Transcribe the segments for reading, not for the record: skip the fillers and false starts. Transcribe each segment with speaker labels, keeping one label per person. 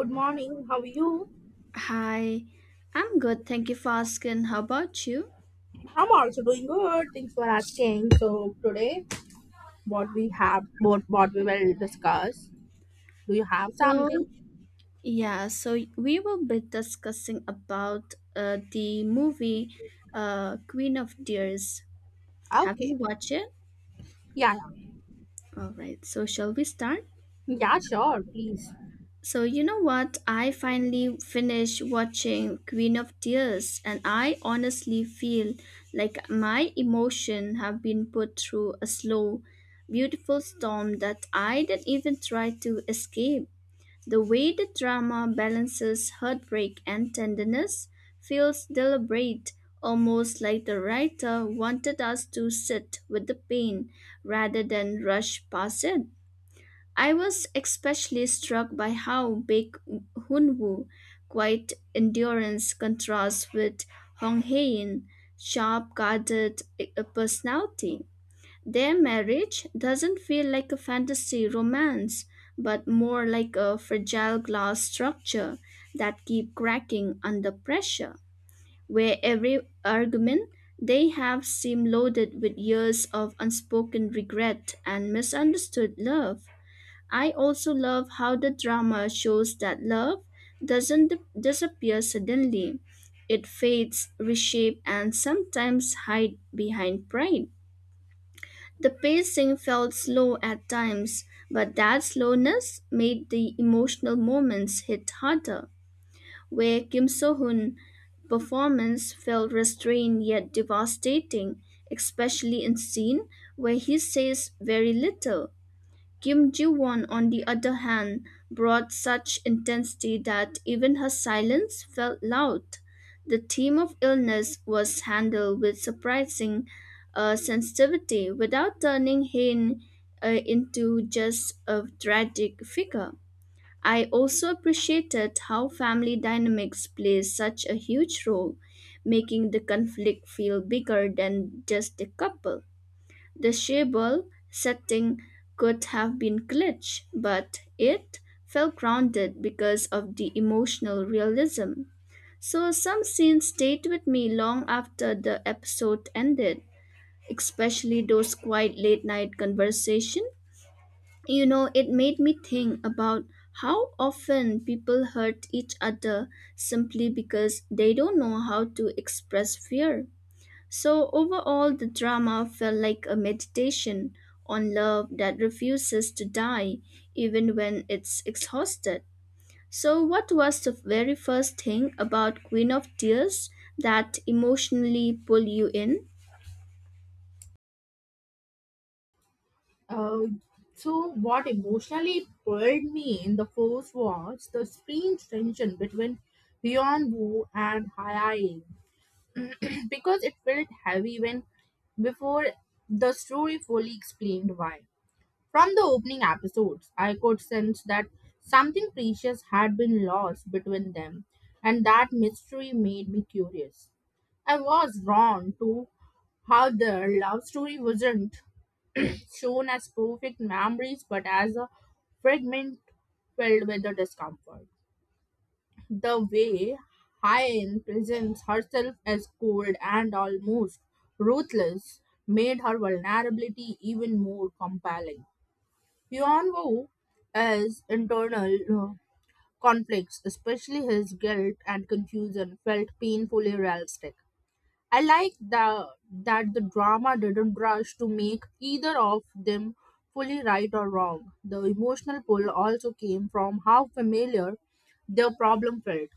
Speaker 1: Good morning. How are you?
Speaker 2: Hi, I'm good. Thank you for asking. How about you?
Speaker 1: I'm also doing good. Thanks for asking. So today, what we will discuss. Do you have
Speaker 2: So,
Speaker 1: something?
Speaker 2: yeah, so we will be discussing about the movie Queen of Tears. Have you
Speaker 1: Okay.
Speaker 2: watched it?
Speaker 1: Yeah,
Speaker 2: All right, so shall we start?
Speaker 1: yeah. Sure, please.
Speaker 2: So, you know what? I finally finished watching Queen of Tears, and I honestly feel like my emotion have been put through a slow, beautiful storm that I didn't even try to escape. The way the drama balances heartbreak and tenderness feels deliberate, almost like the writer wanted us to sit with the pain rather than rush past it. I was especially struck by how big Hunwoo quiet endurance contrasts with Hong Hae-in, sharp-guarded personality. Their marriage doesn't feel like a fantasy romance, but more like a fragile glass structure that keep cracking under pressure, where every argument they have seem loaded with years of unspoken regret and misunderstood love. I also love how the drama shows that love doesn't disappear suddenly. It fades, reshapes, and sometimes hide behind pride. The pacing felt slow at times, but that slowness made the emotional moments hit harder, where Kim So-hoon performance felt restrained yet devastating, especially in scene where he says very little. Kim Ji-won, on the other hand, brought such intensity that even her silence felt loud. The theme of illness was handled with surprising sensitivity without turning Hain into just a tragic figure. I also appreciated how family dynamics play such a huge role, making the conflict feel bigger than just the couple. The Schauble setting could have been glitch, but it felt grounded because of the emotional realism. So some scenes stayed with me long after the episode ended, especially those quiet late night conversations. You know, it made me think about how often people hurt each other simply because they don't know how to express fear. So, overall, the drama felt like a meditation on love that refuses to die even when it's exhausted. So, what was the very first thing about Queen of Tears that emotionally pulled you in?
Speaker 1: Uh, so what emotionally pulled me in the first was the strange tension between Hyun Woo and Hayae because it felt heavy when before the story fully explained why. From the opening episodes, I could sense that something precious had been lost between them, and that mystery made me curious. I was drawn to how their love story wasn't shown as perfect memories but as a fragment filled with the discomfort. The way Hyen presents herself as cold and almost ruthless made her vulnerability even more compelling. Yuan as internal conflicts, especially his guilt and confusion, felt painfully realistic. I like the, that the drama didn't rush to make either of them fully right or wrong. The emotional pull also came from how familiar their problem felt.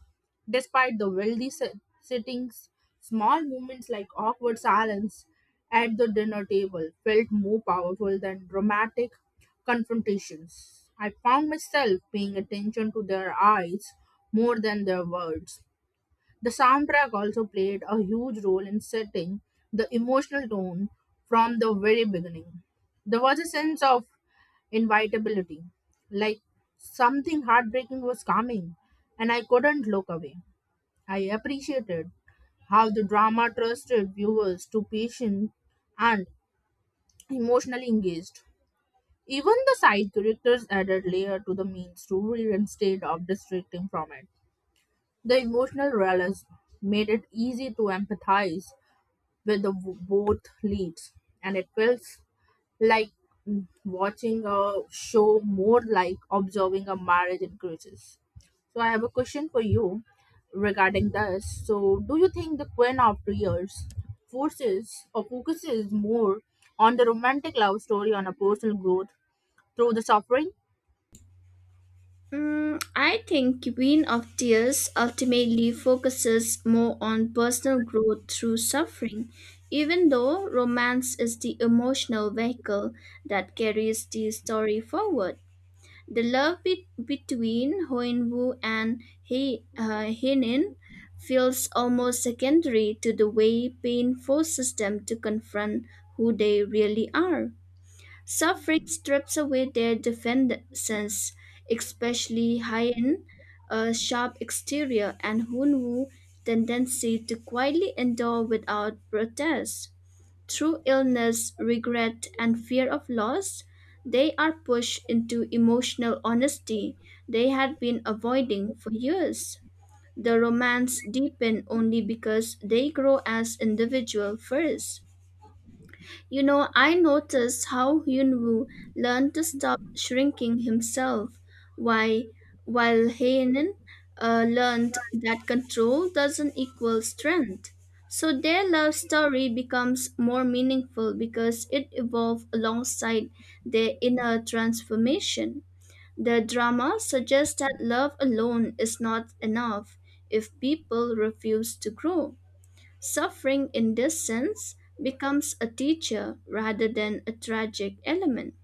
Speaker 1: Despite the wealthy sittings, small moments like awkward silence at the dinner table felt more powerful than dramatic confrontations. I found myself paying attention to their eyes more than their words. The soundtrack also played a huge role in setting the emotional tone from the very beginning. There was a sense of inevitability, like something heartbreaking was coming, and I couldn't look away. I appreciated how the drama trusted viewers to patient and emotionally engaged. Even the side characters added layer to the main story instead of distracting from it. The emotional realism made it easy to empathize with the both leads, and it feels like watching a show more like observing a marriage in crisis. So I have a question for you regarding this. So do you think the Queen of Tears forces or focuses more on the romantic love story on a personal growth through the suffering?
Speaker 2: Mm, I think Queen of Tears ultimately focuses more on personal growth through suffering, even though romance is the emotional vehicle that carries the story forward. The love between Hoenvu and Henin feels almost secondary to the way pain forces them to confront who they really are. Suffering strips away their defenses, especially Hayen, a sharp exterior, and Hoenvu's tendency to quietly endure without protest. Through illness, regret, and fear of loss, they are pushed into emotional honesty they had been avoiding for years. The romance deepen only because they grow as individual first. You know, I noticed how Yunwu learned to stop shrinking himself, why, while Heinen learned that control doesn't equal strength. So their love story becomes more meaningful because it evolved alongside their inner transformation. The drama suggests that love alone is not enough if people refuse to grow. Suffering in this sense becomes a teacher rather than a tragic element.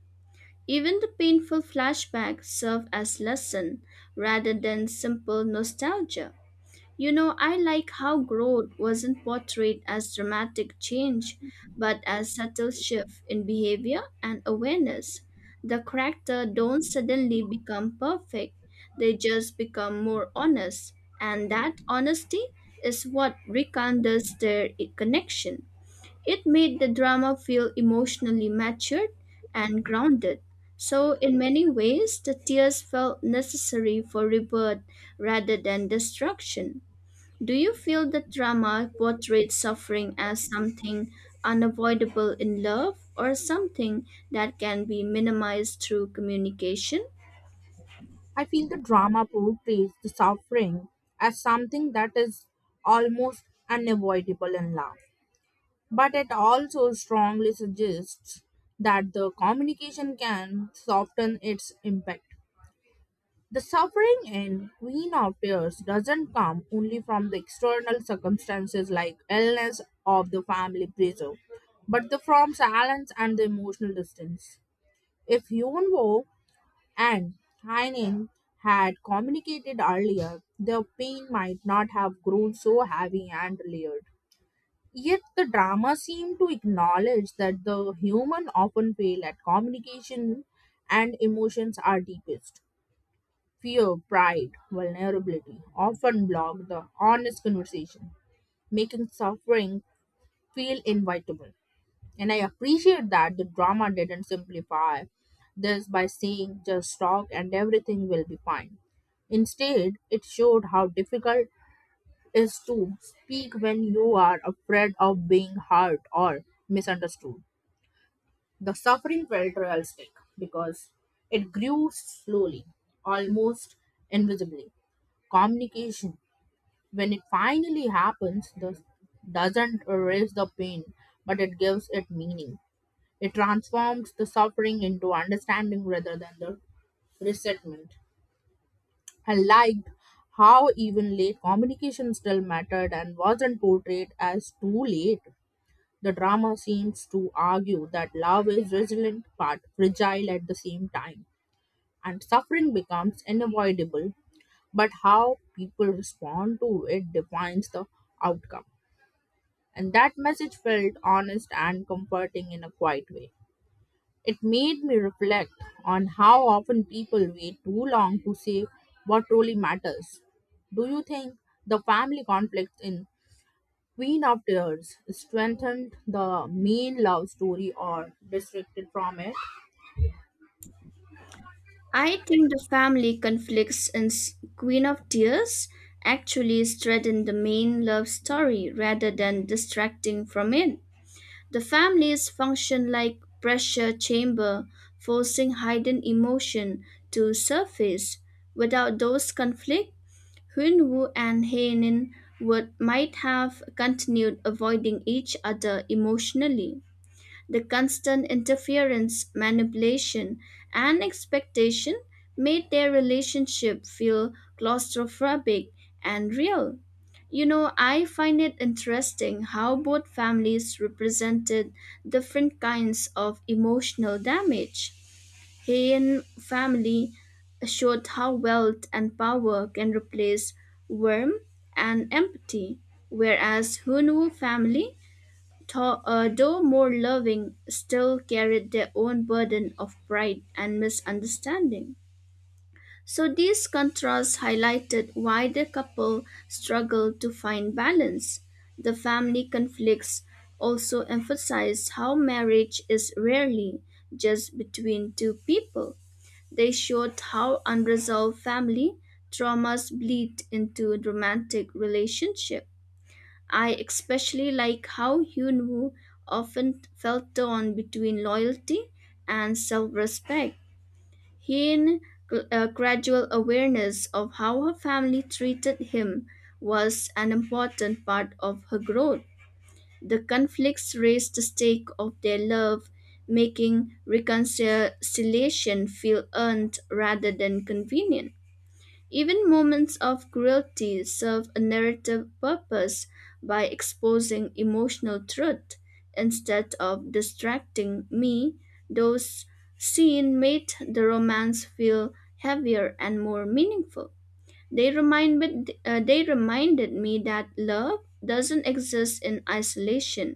Speaker 2: Even the painful flashbacks serve as lesson rather than simple nostalgia. You know, I like how growth wasn't portrayed as dramatic change, but as subtle shift in behavior and awareness. The character don't suddenly become perfect, they just become more honest, and that honesty is what rekindles their connection. It made the drama feel emotionally matured and grounded. So, in many ways, the tears felt necessary for rebirth rather than destruction. Do you feel that drama portrays suffering as something unavoidable in love or something that can be minimized through communication?
Speaker 1: I feel the drama portrays the suffering as something that is almost unavoidable in love. But it also strongly suggests that the communication can soften its impact. The suffering in Queen of Tears doesn't come only from the external circumstances like illness of the family pressure, but the from silence and the emotional distance. If Yunwo and Hainin had communicated earlier, their pain might not have grown so heavy and layered. Yet the drama seemed to acknowledge that the human often fail at communication and emotions are deepest. Fear, pride, vulnerability often block the honest conversation, making suffering feel inevitable. And I appreciate that the drama didn't simplify this by saying just talk and everything will be fine. Instead, it showed how difficult is to speak when you are afraid of being hurt or misunderstood. The suffering felt realistic because it grew slowly, almost invisibly. Communication, when it finally happens, doesn't erase the pain, but it gives it meaning. It transforms the suffering into understanding rather than the resentment. I liked how evenly communication still mattered and wasn't portrayed as too late. The drama seems to argue that love is resilient but fragile at the same time, and suffering becomes unavoidable, but how people respond to it defines the outcome. And that message felt honest and comforting in a quiet way. It made me reflect on how often people wait too long to say what truly matters. Do you think the family conflict in Queen of Tears strengthened the main love story or distracted from it?
Speaker 2: I think the family conflicts in Queen of Tears actually strengthen the main love story rather than distracting from it. The families function like pressure chamber, forcing hidden emotion to surface. Without those conflicts, Hun woo and Hae-nin would might have continued avoiding each other emotionally. The constant interference, manipulation, and expectation made their relationship feel claustrophobic and real. You know, I find it interesting how both families represented different kinds of emotional damage. Heian family showed how wealth and power can replace warmth and empathy, whereas Hunwu family, though more loving, still carried their own burden of pride and misunderstanding. So these contrasts highlighted why the couple struggled to find balance. The family conflicts also emphasized how marriage is rarely just between two people. They showed how unresolved family traumas bleed into romantic relationships. I especially like how Hyun Woo often felt torn between loyalty and self respect. His gradual awareness of how her family treated him was an important part of her growth. The conflicts raise the stake of their love, making reconciliation feel earned rather than convenient. Even moments of cruelty serve a narrative purpose by exposing emotional truth instead of distracting me. Those scenes made the romance feel heavier and more meaningful. They reminded me that love doesn't exist in isolation.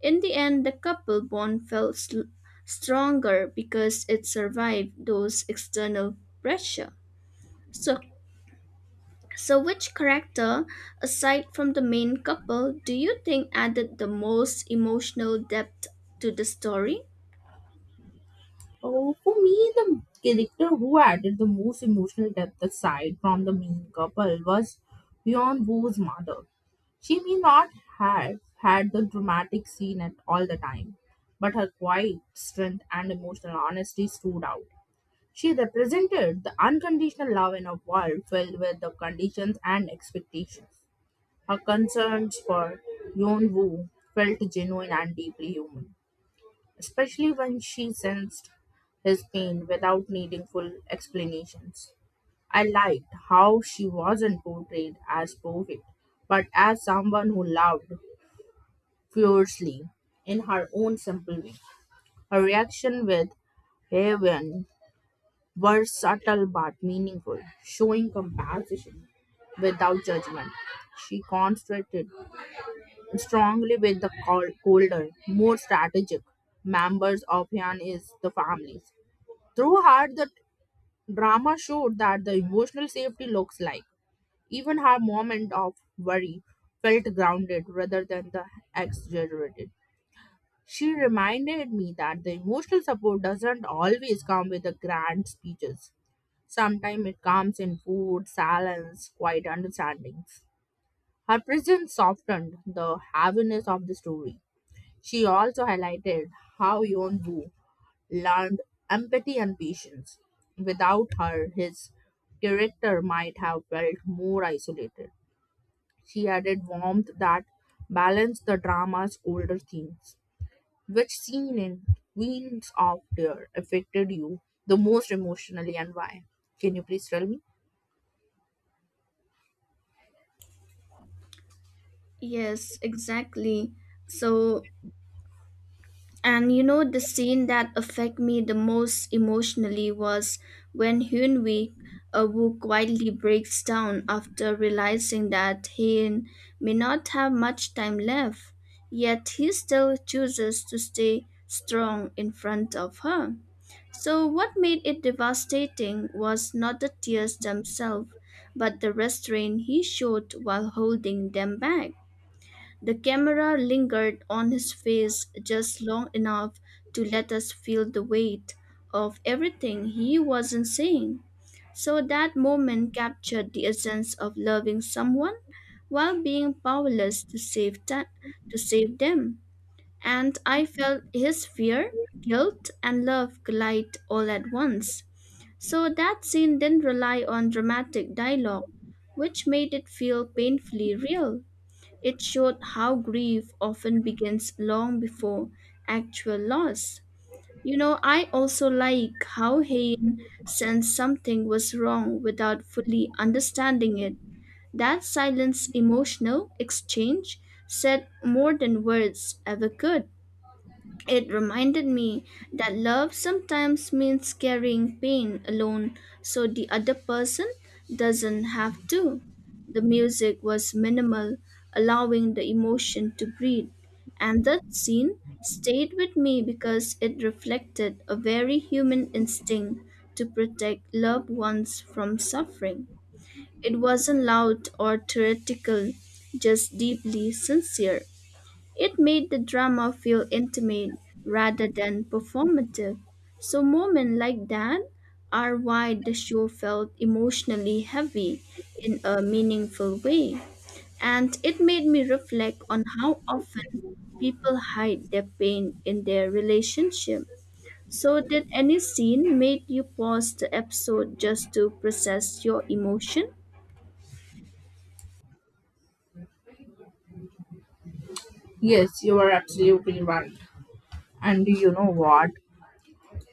Speaker 2: In the end, the couple bond felt stronger because it survived those external pressure. So, so which character, aside from the main couple, do you think added the most emotional depth to the story?
Speaker 1: Oh, for me, the character who added the most emotional depth aside from the main couple was Yeon Woo's mother. She may not have had the dramatic scene at all the time, but her quiet strength and emotional honesty stood out. She represented the unconditional love in a world filled with the conditions and expectations. Her concerns for Yeon Woo felt genuine and deeply human, especially when she sensed his pain without needing full explanations. I liked how she wasn't portrayed as perfect, but as someone who loved fiercely in her own simple way. Her reaction with Haven were subtle but meaningful, showing compassion without judgment. She contrasted strongly with the colder, more strategic members of Yan is the families. Through her, the drama showed that the emotional safety looks like. Even her moment of worry felt grounded rather than the exaggerated. She reminded me that the emotional support doesn't always come with the grand speeches. Sometimes it comes in food, silence, quiet understandings. Her presence softened the heaviness of the story. She also highlighted how Yeon Woo learned empathy and patience. Without her, his character might have felt more isolated. She added warmth that balanced the drama's older themes. Which scene in Queens of Tear affected you the most emotionally and why? Can you please tell me?
Speaker 2: Yes, exactly. So And you know, the scene that affected me the most emotionally was when Hyun Wee who quietly breaks down after realizing that he may not have much time left, yet he still chooses to stay strong in front of her. So what made it devastating was not the tears themselves, but the restraint he showed while holding them back. The camera lingered on his face just long enough to let us feel the weight of everything he wasn't saying. So that moment captured the essence of loving someone while being powerless to to save them. And I felt his fear, guilt, and love collide all at once. So that scene didn't rely on dramatic dialogue, which made it feel painfully real. It showed how grief often begins long before actual loss. You know, I also like how Hayne sensed something was wrong without fully understanding it. That silence emotional exchange said more than words ever could. It reminded me that love sometimes means carrying pain alone so the other person doesn't have to. The music was minimal, allowing the emotion to breathe, and that scene stayed with me because it reflected a very human instinct to protect loved ones from suffering. It wasn't loud or theoretical, just deeply sincere. It made the drama feel intimate rather than performative. So, moments like that are why the show felt emotionally heavy in a meaningful way. And it made me reflect on how often people hide their pain in their relationship. So, did any scene made you pause the episode just to process your emotion?
Speaker 1: Yes, you are absolutely right. And you know what?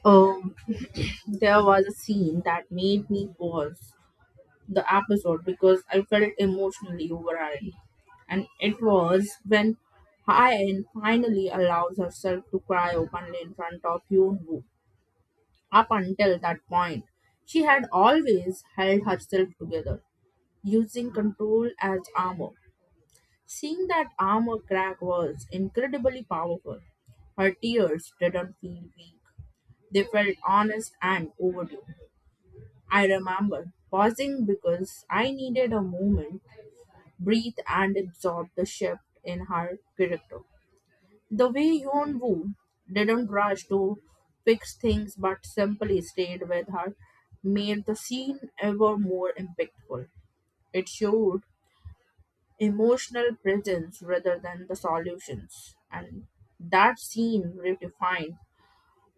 Speaker 1: Um, there was a scene that made me pause the episode because I felt emotionally overwhelmed. And it was when Hayan finally allows herself to cry openly in front of Hyunwoo. Up until that point, she had always held herself together, using control as armor. Seeing that armor crack was incredibly powerful. Her tears didn't feel weak. They felt honest and overdue. I remember pausing because I needed a moment breathe and absorb the shift in her character. The way Yeon Woo didn't rush to fix things but simply stayed with her made the scene ever more impactful. It showed emotional presence rather than the solutions, and that scene redefined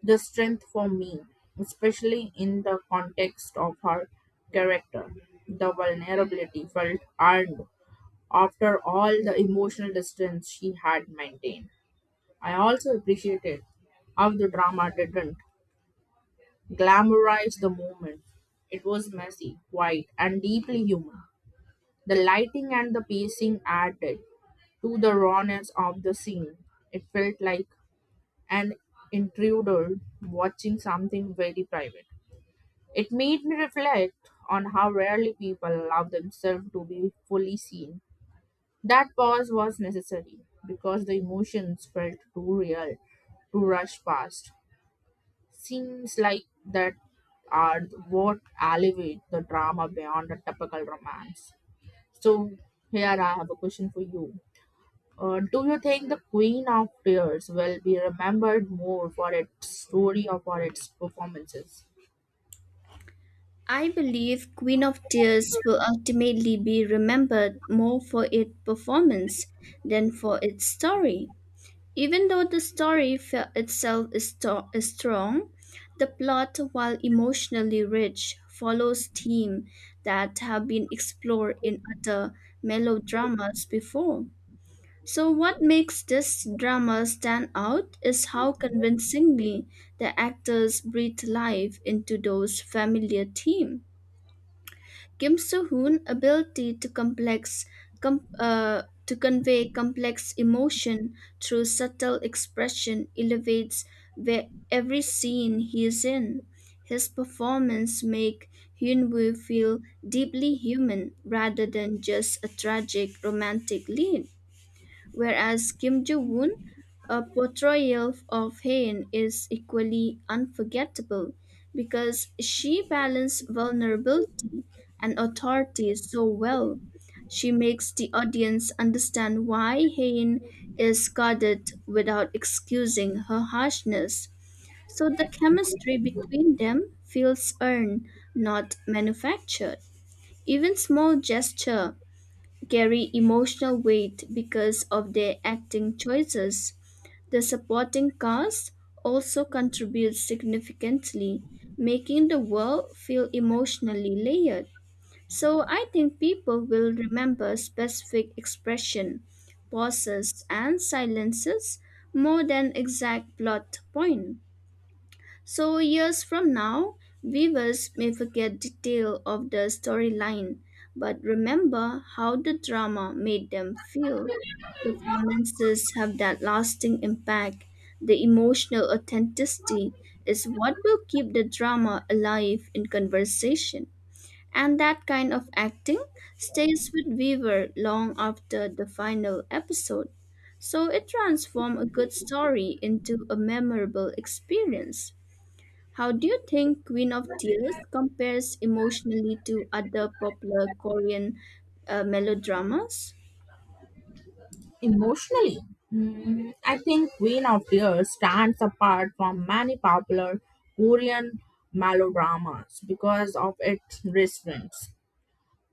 Speaker 1: the strength for me, especially in the context of her character. The vulnerability felt earned after all the emotional distance she had maintained. I also appreciated how the drama didn't glamorize the moment. It was messy, quiet, and deeply human. The lighting and the pacing added to the rawness of the scene. It felt like an intruder watching something very private. It made me reflect on how rarely people allow themselves to be fully seen. That pause was necessary because the emotions felt too real to rush past. Seems like that are what elevate the drama beyond a typical romance. So here I have a question for you. Do you think the Queen of Tears will be remembered more for its story or for its performances?
Speaker 2: I believe Queen of Tears will ultimately be remembered more for its performance than for its story. Even though the story itself is strong, the plot, while emotionally rich, follows themes that have been explored in other melodramas before. So, what makes this drama stand out is how convincingly the actors breathe life into those familiar themes. Kim Soo Hoon's ability to com- uh, convey complex emotion through subtle expression elevates every scene he is in. His performance make Hyun Woo feel deeply human rather than just a tragic romantic lead, whereas Kim Joo Woon, a portrayal of Haen, is equally unforgettable because she balanced vulnerability and authority so well. She makes the audience understand why Haen is guarded without excusing her harshness. So the chemistry between them feels earned, not manufactured. Even small gesture carry emotional weight because of their acting choices. The supporting cast also contributes significantly, making the world feel emotionally layered. So I think people will remember specific expression, pauses, and silences more than exact plot point. So years from now, viewers may forget detail of the storyline, but remember how the drama made them feel. Performances have that lasting impact. The emotional authenticity is what will keep the drama alive in conversation. And that kind of acting stays with viewer long after the final episode. So it transforms a good story into a memorable experience. How do you think Queen of Tears compares emotionally to other popular Korean melodramas?
Speaker 1: Emotionally, I think Queen of Tears stands apart from many popular Korean melodramas because of its restraints.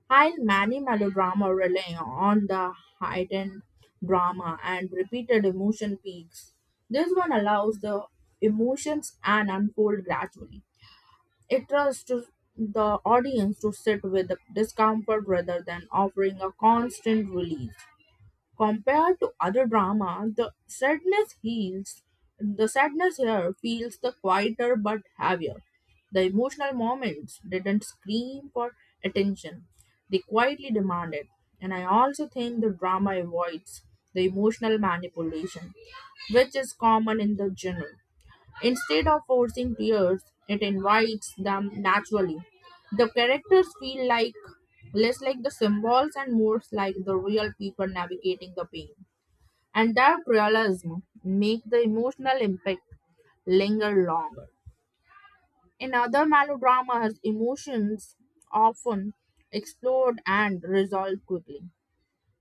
Speaker 1: While many melodramas rely on the heightened drama and repeated emotion peaks, this one allows the emotions and unfold gradually. It trusts to the audience to sit with the discomfort rather than offering a constant relief. Compared to other drama, the sadness heals. The sadness here feels the quieter but heavier. The emotional moments didn't scream for attention. They quietly demand it. And I also think the drama avoids the emotional manipulation, which is common in the genre. Instead of forcing tears, it invites them naturally. The characters feel like less like the symbols and more like the real people navigating the pain. And that realism make the emotional impact linger longer. In other melodramas, emotions often explode and resolve quickly.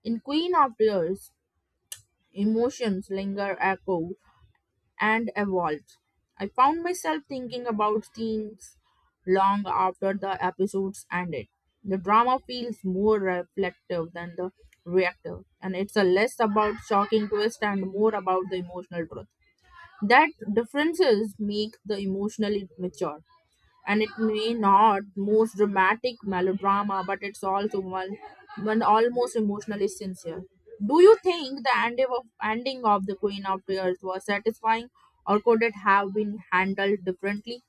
Speaker 1: In Queen of Tears, emotions linger echo and evolved. I found myself thinking about themes long after the episodes ended. The drama feels more reflective than the reactive, and it's a less about shocking twist and more about the emotional truth. That differences make the emotionally mature, and it may not most dramatic melodrama, but it's also one almost emotionally sincere. Do you think the ending of the Queen of Tears was satisfying or could it have been handled differently?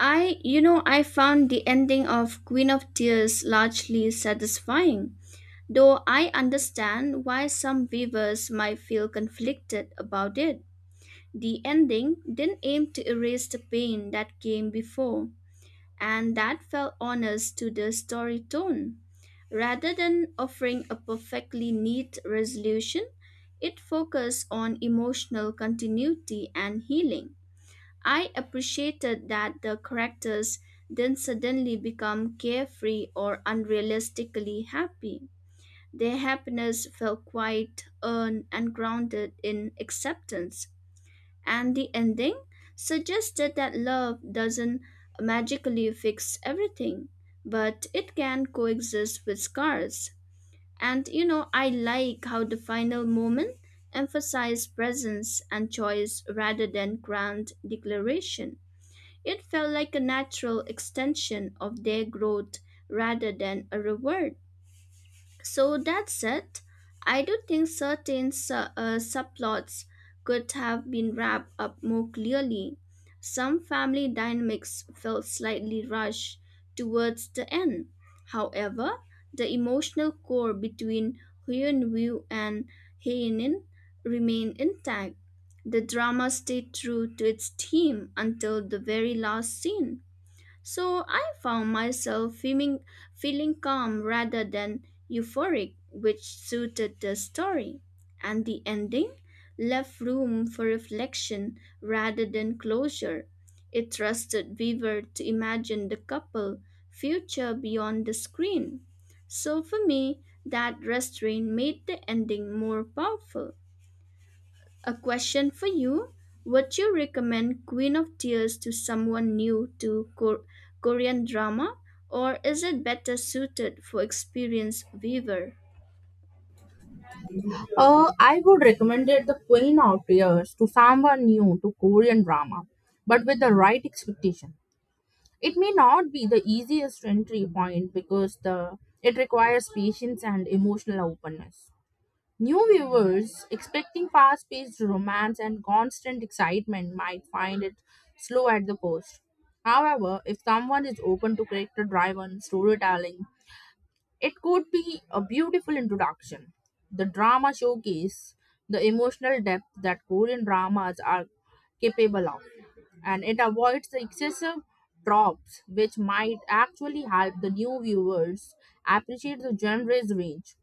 Speaker 2: I found the ending of Queen of Tears largely satisfying, though I understand why some viewers might feel conflicted about it. The ending didn't aim to erase the pain that came before, and that felt honest to the story tone. Rather than offering a perfectly neat resolution, it focused on emotional continuity and healing. I appreciated that the characters didn't suddenly become carefree or unrealistically happy. Their happiness felt quite earned and grounded in acceptance. And the ending suggested that love doesn't magically fix everything, but it can coexist with scars. And you know, I like how the final moment emphasized presence and choice rather than grand declaration. It felt like a natural extension of their growth rather than a reward. So that said, I do think certain subplots could have been wrapped up more clearly. Some family dynamics felt slightly rushed towards the end. However, the emotional core between Huyunwu and Heinin remained intact. The drama stayed true to its theme until the very last scene. So I found myself feeling calm rather than euphoric, which suited the story. And the ending left room for reflection rather than closure. It trusted Weaver to imagine the couple future beyond the screen. So for me, that restraint made the ending more powerful. A question for you. Would you recommend Queen of Tears to someone new to Korean drama, or is it better suited for experienced viewer?
Speaker 1: I would recommend it the Queen of Tears to someone new to Korean drama, but with the right expectation. It may not be the easiest entry point because the it requires patience and emotional openness. New viewers expecting fast paced romance and constant excitement might find it slow at the post. However, if someone is open to character driven storytelling, it could be a beautiful introduction. The drama showcase the emotional depth that Korean dramas are capable of, and it avoids the excessive tropes, which might actually help the new viewers appreciate the genre's range.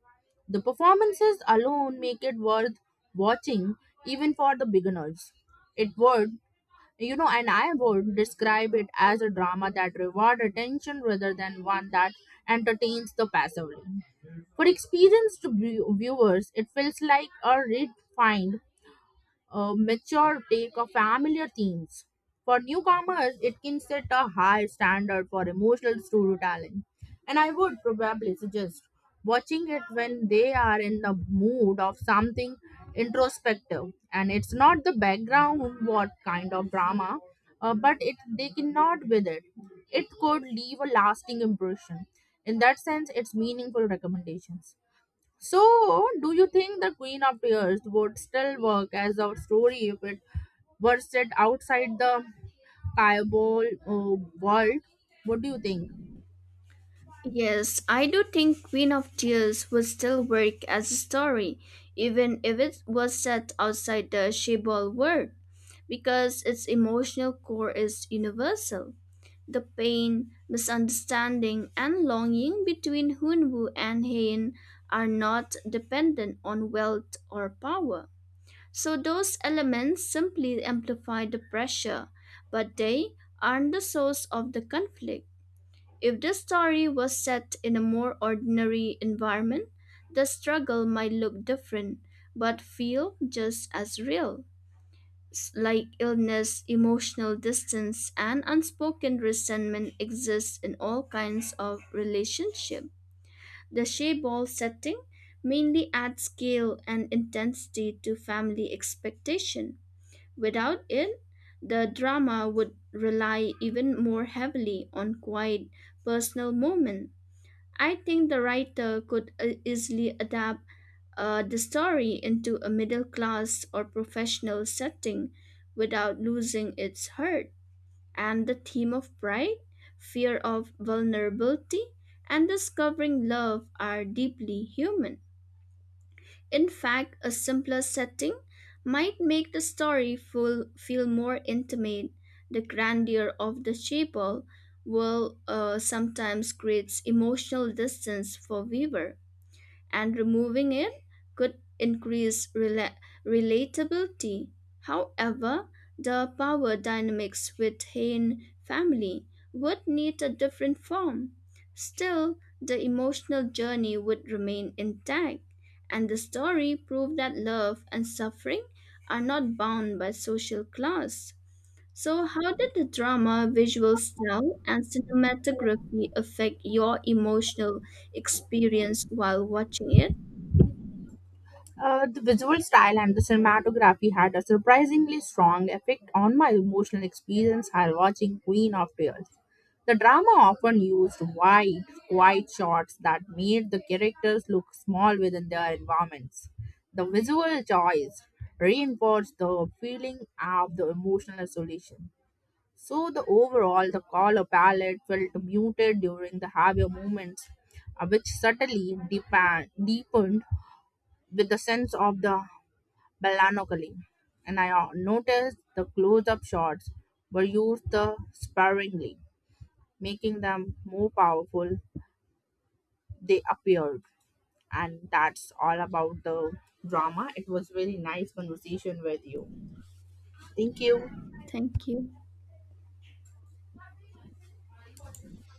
Speaker 1: The performances alone make it worth watching even for the beginners. It would, you know, and I would describe it as a drama that rewards attention rather than one that entertains the passively. For experienced viewers, it feels like a redefined a mature take of familiar themes. For newcomers, it can set a high standard for emotional storytelling, and I would probably suggest watching it when they are in the mood of something introspective. And it's not the background what kind of drama, but it they cannot with it. It could leave a lasting impression. In that sense, it's meaningful recommendations. So, do you think the Queen of Tears would still work as a story if it were set outside the Bible world? What do you think?
Speaker 2: Yes, I do think Queen of Tears would still work as a story, even if it was set outside the Shibboleth world, because its emotional core is universal. The pain, misunderstanding, and longing between Hunwu and Hein are not dependent on wealth or power. So those elements simply amplify the pressure, but they aren't the source of the conflict. If the story was set in a more ordinary environment, the struggle might look different but feel just as real. Like illness, emotional distance, and unspoken resentment exist in all kinds of relationship. The Shea-Ball setting mainly adds scale and intensity to family expectation. Without it, the drama would rely even more heavily on quiet personal moments. I think the writer could easily adapt the story into a middle class or professional setting without losing its heart. And the theme of pride, fear of vulnerability, and discovering love are deeply human. In fact, a simpler setting might make the feel more intimate. The grandeur of the chapel will sometimes creates emotional distance for viewer, and removing it could increase relatability. However, the power dynamics within family would need a different form. Still, the emotional journey would remain intact, and the story proved that love and suffering are not bound by social class. So, how did the drama, visual style, and cinematography affect your emotional experience while watching it?
Speaker 1: The visual style and the cinematography had a surprisingly strong effect on my emotional experience while watching Queen of Tears. The drama often used wide, quiet shots that made the characters look small within their environments. The visual choice reinforced the feeling of the emotional isolation. So the overall, the color palette felt muted during the heavier moments, which subtly deepened with the sense of the Balanopolly, and I noticed the close-up shots were used sparingly, making them more powerful they appeared. And that's all about the drama. It was really nice conversation with you. Thank you.
Speaker 2: Thank you.